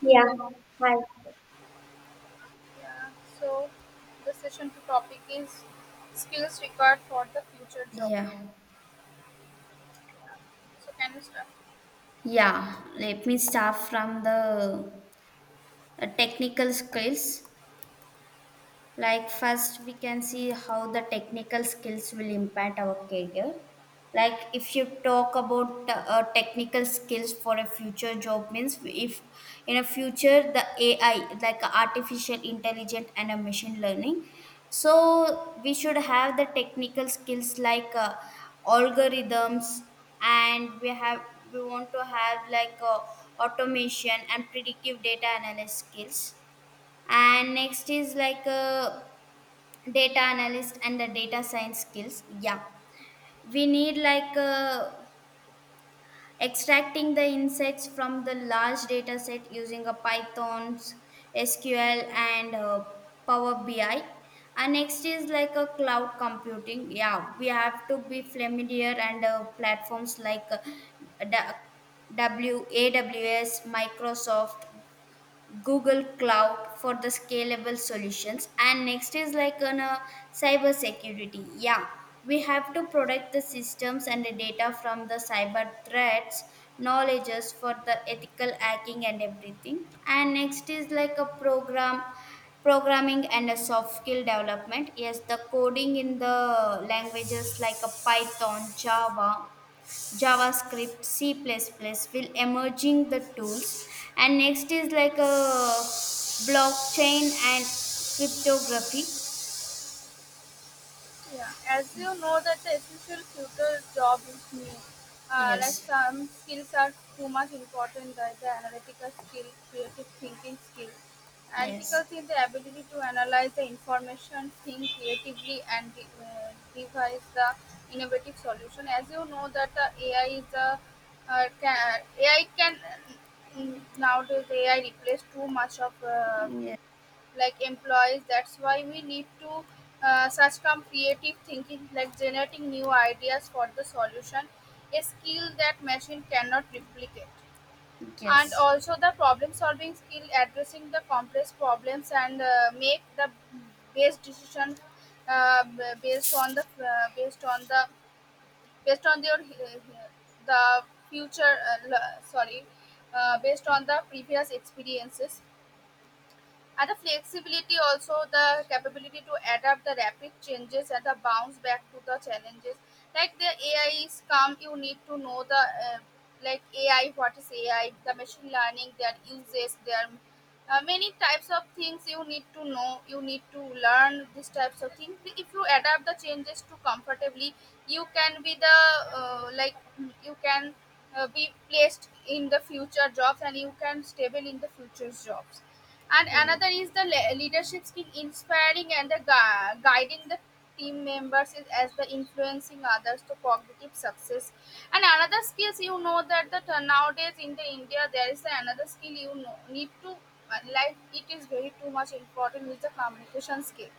Yeah, hi. Yeah, so the session two topic is skills required for the future job. Yeah, So can you start? yeah. Let me start from the technical skills. Like first we can see how the technical skills will impact our career. Like if you talk about technical skills for a future job, means if in a future the ai, like artificial intelligence and a machine learning, so we should have the technical skills like algorithms, and we want to have like automation and predictive data analysis skills. And next is like data analyst and the data science skills, yeah. We need like extracting the insights from the large data set using a python's sql and power bi. And next is like a cloud computing, yeah, we have to be familiar and platforms like da- w aws, microsoft, Google Cloud for the scalable solutions. And next is like on a cyber security. Yeah, we have to protect the systems and the data from the cyber threats, knowledges for the ethical hacking and everything. And next is like a programming and a soft skill development, yes, the coding in the languages like a python, java, javascript, c++ plus plus will emerging the tools. And next is like a blockchain and cryptography. Yeah, as you know that the essential future job is new. Like Yes. some skills are too much important, like the analytical skill, creative thinking skill. Analytics Yes. is the ability to analyze the information, think creatively, and devise the innovative solution. As you know that AI is AI can nowadays AI replace too much of Yes. like employees. That's why we need to search from creative thinking, like generating new ideas for the solution, a skill that machine cannot replicate, and Yes. also the problem-solving skill, addressing the complex problems, and make the best decision uh, based on the uh, based on the based on your the future l- sorry based on the previous experiences, and the flexibility, also the capability to adapt the rapid changes and the bounce back to the challenges. Like the AI is come, you need to know the like AI, what is AI, the machine learning, their uses, their many types of things you need to know. You need to learn these types of things. If you adapt the changes to comfortably, you can be the like you can be placed in the future jobs and you can stable in the future's jobs. And another is the leadership skill, inspiring and guiding the team members is as the influencing others to cognitive success. And another skills, you know that nowadays in the india there is another skill, you know, need to like, it is very too much important is the communication skill.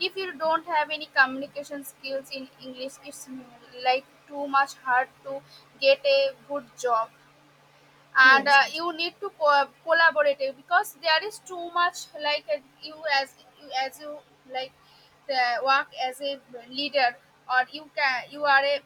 If you don't have any communication skills in english it's like too much hard to get a good job. And Yes. you need to collaborate it, because there is too much like you as you as you like the work as a leader, or you are a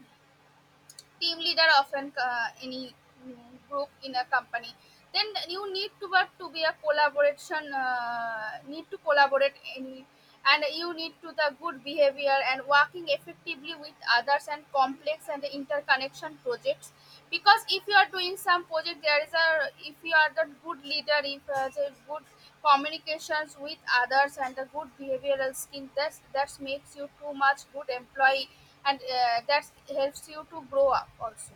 team leader often any mm, group in a company. Then you need to work to be a collaboration, need to collaborate any. And you need to the good behavior and working effectively with others and complex and interconnection projects, because if you are doing some project, there is a if you are the good leader, if you are the good communications with others and a good behavioral skill, that's that makes you too much good employee. And that helps you to grow up also.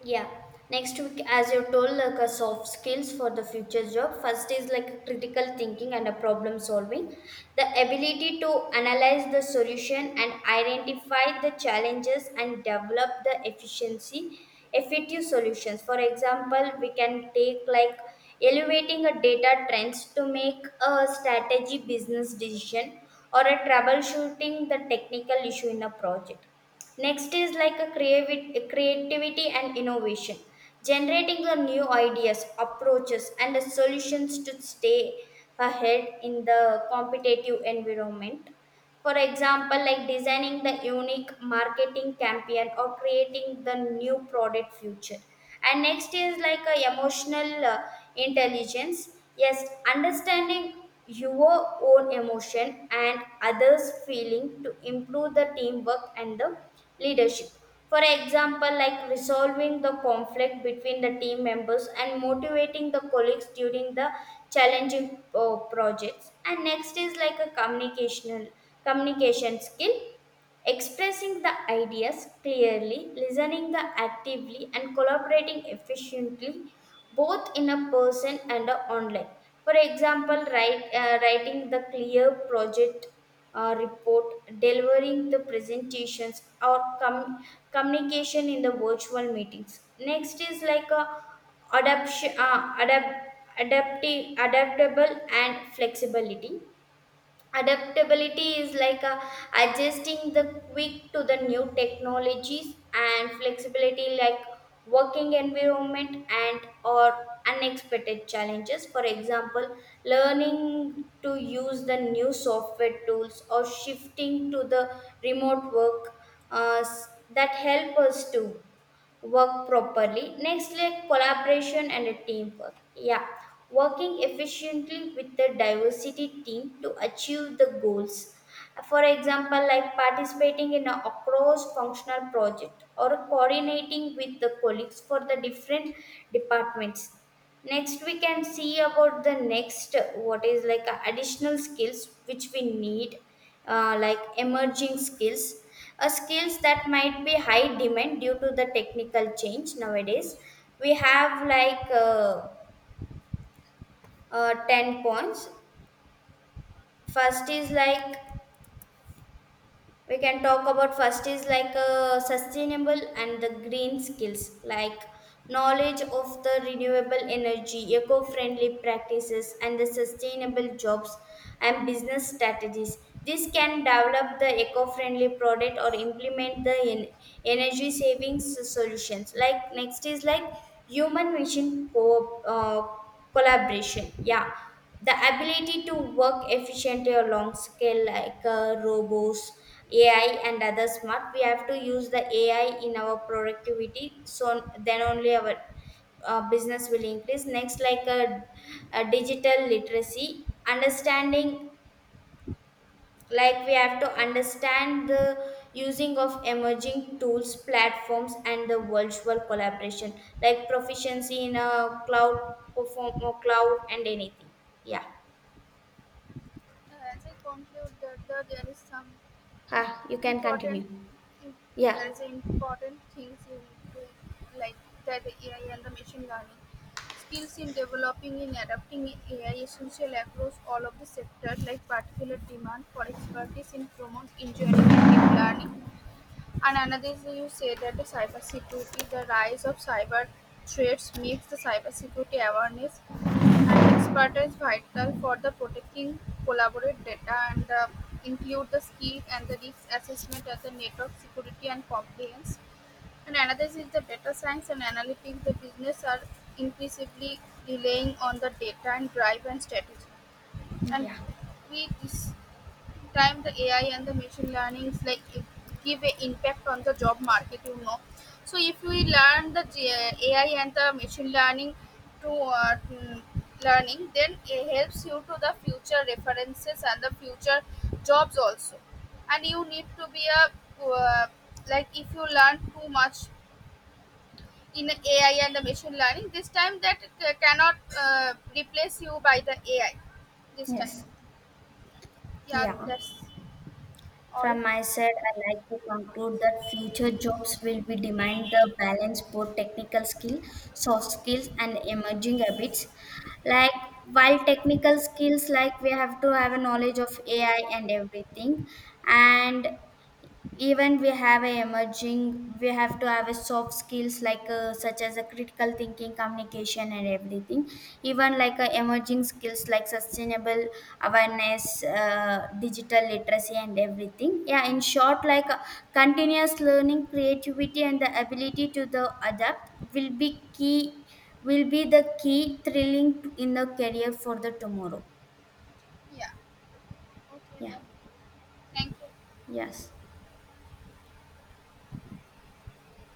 Yeah. Next, as you told, like a soft skills for the future job. First is like critical thinking and a problem solving, the ability to analyze the solution and identify the challenges and develop the efficiency, effective solutions. For example, we can take like elevating a data trends to make a strategy business decision or a troubleshooting the technical issue in a project. Next is like a creativity and innovation, generating the new ideas, approaches, and the solutions to stay ahead in the competitive environment. For example, like designing the unique marketing campaign or creating the new product future. And next is like a emotional intelligence, yes, understanding your own emotion and others feeling to improve the teamwork and the leadership. For example, like resolving the conflict between the team members and motivating the colleagues during the challenging projects. And next is like a communication skill. Expressing the ideas clearly, listening the actively, and collaborating efficiently, both in a person and a online. For example, writing the clear project report, delivering the presentations, or communication in the virtual meetings. Next is like a adaptation, uh, adapt, adaptable, and flexibility. Adaptability is like adjusting the quick to the new technologies, and flexibility like working environment and or unexpected challenges. For example, learning to use the new software tools or shifting to the remote work, that help us to work properly. Next, like collaboration and a teamwork. Yeah, working efficiently with the diversity team to achieve the goals. For example, like participating in a cross functional project or coordinating with the colleagues for the different departments. Next we can see about the next what is like additional skills which we need, like emerging skills, skills that might be high demand due to the technical change nowadays. We have like 10 points. First is like, we can talk about, first is like sustainable and the green skills, like knowledge of the renewable energy, eco-friendly practices, and the sustainable jobs and business strategies. This can develop the eco-friendly product or implement the energy savings solutions. Like next is like human machine collaboration, yeah, the ability to work efficiently or long scale like robots, ai, and other smart. We have to use the ai in our productivity, so then only our business will increase. Next like a digital literacy understanding, like we have to understand the using of emerging tools, platforms, and the virtual collaboration, like proficiency in a cloud perform or cloud and anything. Yeah. As I conclude that, there is some Ah, you can important continue. Yeah. there is important things you need to like that the AI and the machine learning skills in developing and adapting AI essential across all of the sector, like particular demand for expertise in promote engineering and deep learning. And another, An you say that the cybersecurity: the rise of cyber threats makes the cybersecurity awareness and expertise vital for the protecting collaborate data, and include the skill and the risk assessment and the network security and compliance. And another is the data science and analytics. The business are increasingly relying on the data and drive and strategy. And Yeah. we dis- time the AI and the machine learning is like it give a impact on the job market, you know. So if we learn AI and the machine learning to learning, then it helps you to the future references and the future jobs also. And you need to be a uh, if you learn too much in AI and the machine learning this time, that cannot uh, replace you by the AI this time. Yes. Yeah, Yeah. that's all. From my side, I'd like to conclude that future jobs will be demand the balance both technical skill, soft skills, and emerging habits. Like, while technical skills, like we have to have a knowledge of AI and everything, and even we have a emerging, we have to have a soft skills like such as a critical thinking, communication, and everything, even like emerging skills like sustainable awareness, digital literacy and everything, yeah, in short like continuous learning, creativity, and the ability to the adapt will be key, will be the key thrilling in the career for the tomorrow. Yeah. Okay Yeah. then. Thank you. Yes.